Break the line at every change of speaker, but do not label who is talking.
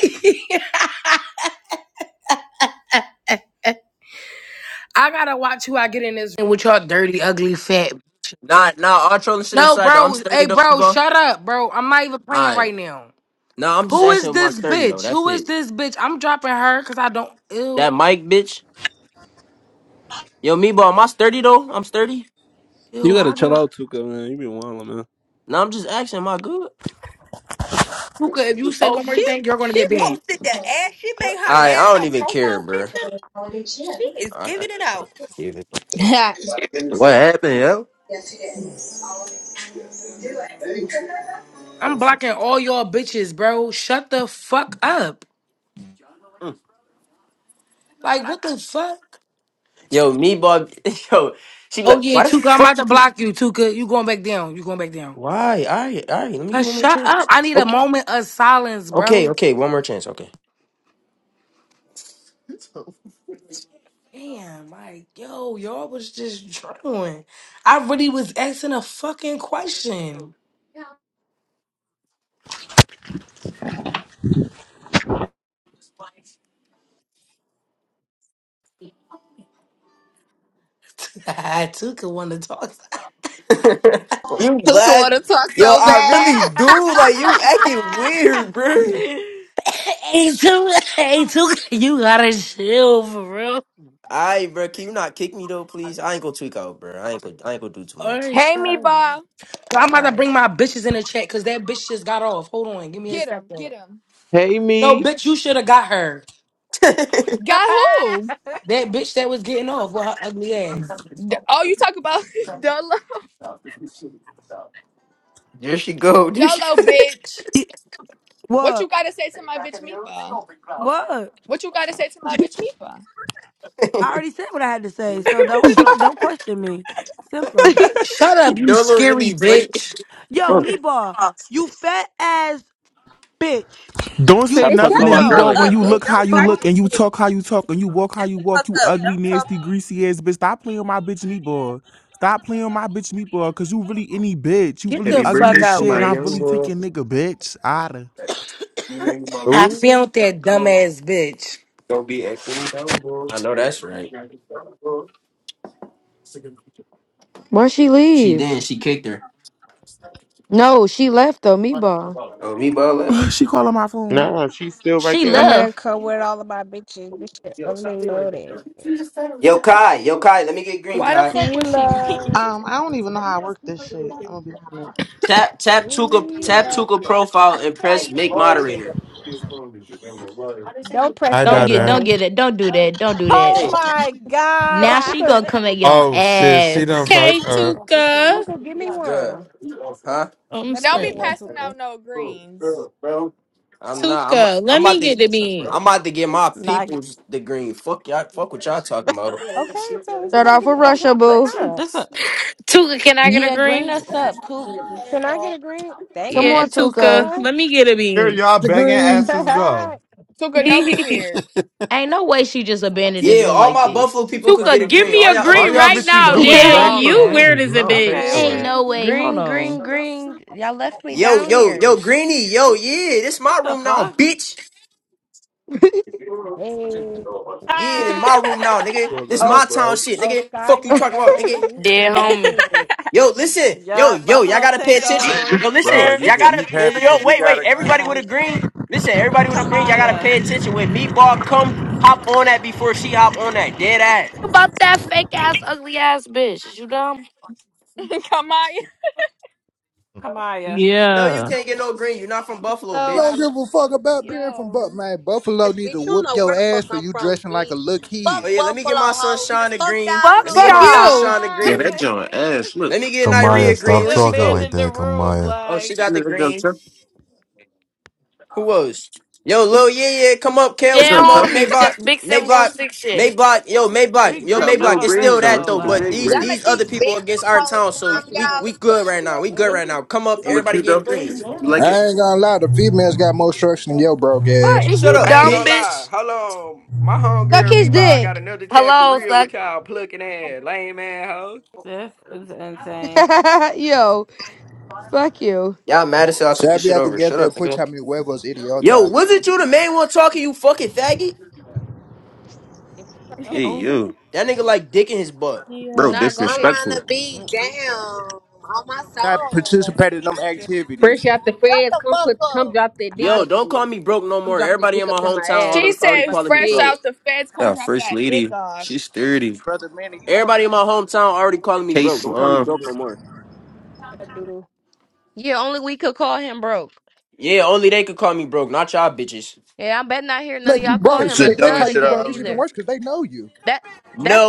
I gotta watch who I get in this room with y'all dirty, ugly, fat.
Nah, nah, all trolling shit
No,
aside though. I'm
bro.
sturdy
Hey,
though,
bro,
bro.
shut up, bro. I'm not even playing right
Alright.
now.
Nah, I'm just
Who
asking
is
about my
this
sturdy though.
bitch?
That's
Who is
it.
this bitch? I'm dropping her because I don't. Ew,
That mic bitch. Yo, me bro, am I sturdy though? I'm sturdy.
You
ew.
gotta
How do
chill
I?
out, Tuka, man. You be wildin', man.
Nah, I'm just asking, am I good?
Puka, if you say
Oh,
one more
she
thing, you're gonna
she
get banned.
posted that ass. She made her
Alright, I
ass
don't
her
even care,
profile
bro.
picture. She is
I, I
giving it out.
even.
Yeah.
What happened, yo?
I'm
Awesome.
blocking all y'all bitches, bro. Shut the fuck up.
Mm.
Like, what the fuck?
Yo, me bro, yo, she be
Oh
like,
yeah,
why the
Tuka, I'm
fuck
about to
you keep-
block you, Tuka. You going back down. You going back down.
Why? Alright, alright, let me give
Cause
one more
shut up.
chance.
I need a
Okay,
moment of silence,
okay,
bro.
okay, one more chance, okay.
Damn, like, yo, y'all was just drilling. I really was asking a fucking question. I took it one to talk.
you
Tuka
glad?
wanna talk
Yo,
so
I really
bad.
do. Like you acting weird, bro.
Hey, Tuka, hey, Tuka, you gotta chill for real.
Alright, bro. Can you not kick me though, please? I ain't gonna tweak out, bro. I ain't gonna I ain't gonna do too
All
much.
right,
Hey,
shut up.
Meatball.
So I'm about to
Alright.
bring my bitches in the chat because that bitch just got off. Hold on, give me a
Get him.
second.
Get him.
Hey,
No,
me.
bitch, you should have got her.
Got who?
That bitch that was getting off with her ugly ass.
D- oh, you talk about Dolo.
there she go. There she
Dolo, bitch.
It-
What you
What?
gotta say to my bitch Meatball?
What?
What you gotta say to my bitch Meatball?
I already said what I had to say, so don't don't don't question me. Simple.
Shut up, you
Don't look
scary
really funny.
bitch.
Yo, meatball, you fat ass bitch.
Don't
You
say
Bitch,
nothing
shut
to
the
me,
fuck
boy,
yo
when
up,
you
bitch.
look how
Don't
you
for
start
look
this
and you
shit,
talk
bitch.
how you talk and you walk how
Shut
you
the
walk,
fuck
you
up.
ugly,
Don't talk.
nasty, greasy ass bitch. Stop playing my bitch meatball. Stop playing on my bitch meatball, cause you really any bitch. You
Get
really
the
ugly
fuck
as
out,
shit and I
bitch.
really take your nigga, bitch. Outta.
I
Ooh.
found that dumbass bitch.
I know that's right.
Why she
She
leave?
did, she kicked her.
No, she left though, meatball.
Oh, me ball left.
she calling my phone.
Nah, she's still right
She
I'm
there.
gonna
left.
come with all of my bitches. This shit only loaded.
Yo, Kai, yo Kai, let me get green,
Why the
Kai.
fuck
See
was she leave?
love,
Um, I don't even know how I work this shit. I'm gonna be honest.
Tap tap Tuka
see
tap
love.
Tuka profile and press make moderator.
Don't press
I
Don't
that
get
done.
don't
queen.
get it. Don't do that. Don't do that.
oh
Hey.
Oh,
my
Yo,
Now
god.
she
Tuka,
gonna come and get on
Oh shit, she done
ass.
Okay,
fucked up.
Tuka.
Tuka, give me
What's good?
one.
Huh?
Oh, I'm
Let me
Don't
get
be
one,
screaming.
passing
Tuka.
out no greens.
I'm not I'm
Tuka,
I'm
let me
about to
get the bean.
I'm about to get my
Nah, I get-
peoples the green. Fuck y'all fuck what y'all talking about.
Okay, so is you
Start
gonna
off
give
with
me a green
Russia,
or
boo.
not?
this a-
Tuka, can I get a
Yeah, green
green?
us up, poop.
Can I get a green? Thank
Come
Yeah,
on,
Tuka,
Tuka.
you.
let me get a
Here
bean.
y'all begging
Degree.
asses go.
Tuka,
hey.
don't be weird.
Ain't no way she just abandoned this
Yeah,
room
all
like
my
this.
Buffalo people could get a
Tuka, give
green.
me
All
a
y'all other
All
green
y'all
right
bitches,
bitches
now,
do
no.
is
dead
yeah,
beg for
homie.
you
okay.
weird
greens.
as a
No, pay
Okay,
bitch.
Ain't
for
Yes,
it.
okay.
no
nigga.
way. Hold
Green,
on.
green, green. Y'all left me
Yo,
down
yo, yo,
here.
Greeny, yo, yeah, this
What
my
the
room now,
fuck?
bitch. Yeah, in my room now, nigga.
Cool,
This
little,
Oh,
little
my town
bro.
shit,
oh,
nigga.
Sky,
Fuck you
one of
talking
the
about, nigga.
homies.
Dead
That's
homie.
it.
Yo, listen, yo,
yeah,
yo, y'all
Buffalo
gotta pay attention.
takeover.
Yo, listen,
Bro,
Er,
you
y'all gotta,
you
yo,
happy
yo,
because you
wait,
got
wait,
a green.
everybody
You
Yeah.
with a
need
green. Listen, everybody with a green, y'all gotta
Kamaya.
pay attention. When Meatball come, hop on that before she hop on that dead ass.
About that fake ass, ugly ass bitch. You dumb?
Come on.
Kamaya.
No, you
Yeah.
can't get no green. You're not from Buffalo,
So
You
I
bitch.
Don't
love
give a fuck about being from Buffalo.
Yo.
Man, Buffalo
ass
need
bitch.
to
You don't
whoop
know where
your
the
ass
fuck
for
I'm
you
from,
dressing like a little
bitch. Fuck
Oh
kid.
yeah, let me get
Buffalo
my
hoes and
sunshine a
fuck
green.
y'all
Fuck
Let me
too.
get
fuck
my
y'all,
you.
sunshine a
Yeah,
green.
that joint ass. Look,
Let me get
she
Kamaya,
Nyria green.
really
stop
Where she
talking like
go?
abandoned the
that,
room.
Kamaya.
Oh, she
Like,
got
Yeah,
the
that joint
green.
tough.
Who else? Yo, Lil, yeah, yeah, come up,
That
Kales,
Dead
come
joint
up,
tough. It's
homie.
Maybach,
se- Big
Maybach,
716 shit.
Maybach, yo,
we
Maybach, yo,
Not
grinked the
real
Maybach. It's
fuck
bridge
still
up
though.
that
It's
though.
though,
like the
but
Like,
wig
these
Y'all let
these
bridge.
other
these
people
big
against
mouth
our
hoes
town, so
slime
we
y'all
we
or
good right
something.
now. We good
it.
right now. Come up,
It
Oh,
look
everybody
cute though.
getting
You
greens.
like
I
it?
ain't gonna lie, the females got more structure than your broke
What?
ass.
Is
Shut
you
up,
I ain't
dumb,
gonna
bitch.
lie.
bitch?
Hold on. My
Suck
homegirl, me
his
bar, got
dick.
another chat for
Hello,
real
so
with y'all plucking ass, lame ass hoes.
this is insane.
Yo, fuck you.
Y'all mad as hell. I took this
Sabi
shit
have to
over.
get
Shut
there
up,
and put
nigga.
how many huevos
Yo,
idiota.
wasn't you the main one talking? You fucking faggot.
if you a
Hey,
Oh.
yo,
That
motherfucker,
nigga like dick in his butt.
bro,
Nah,
Yo.
go
I'm
get.
trying
disrespectful.
to be down on my
I
soul.
participated in them
yeah,
activities.
Fresh out the
Shut
feds,
the
come
fuck
put,
up.
come drop that
I
dick
Yo,
up in
don't
me.
call me broke no
Come
more.
drop that
Everybody
dick
in
up
my
in my
hometown
ass.
She
al-
I'm fresh
already
up
said,
out the
calling me
fresh
broke.
feds.
out the feds, come
Yeah,
drop
first
that dick
lady.
off.
She's thirty.
Brother man. you want
Everybody in my hometown already calling me
K
broke. Don't call me
slime.
broke no more.
shut up, doodle.
Yeah, only we could call him broke.
Yeah, only they could call me broke, not y'all bitches.
Yeah, I bet not hear none of
Let
y'all
you
call
broke.
That's
him
the
Shit,
a
if they
stud
call
dumbest
you
shit I
again
broke, it's
ever heard.
even
neither.
worse because they know you.
That
No.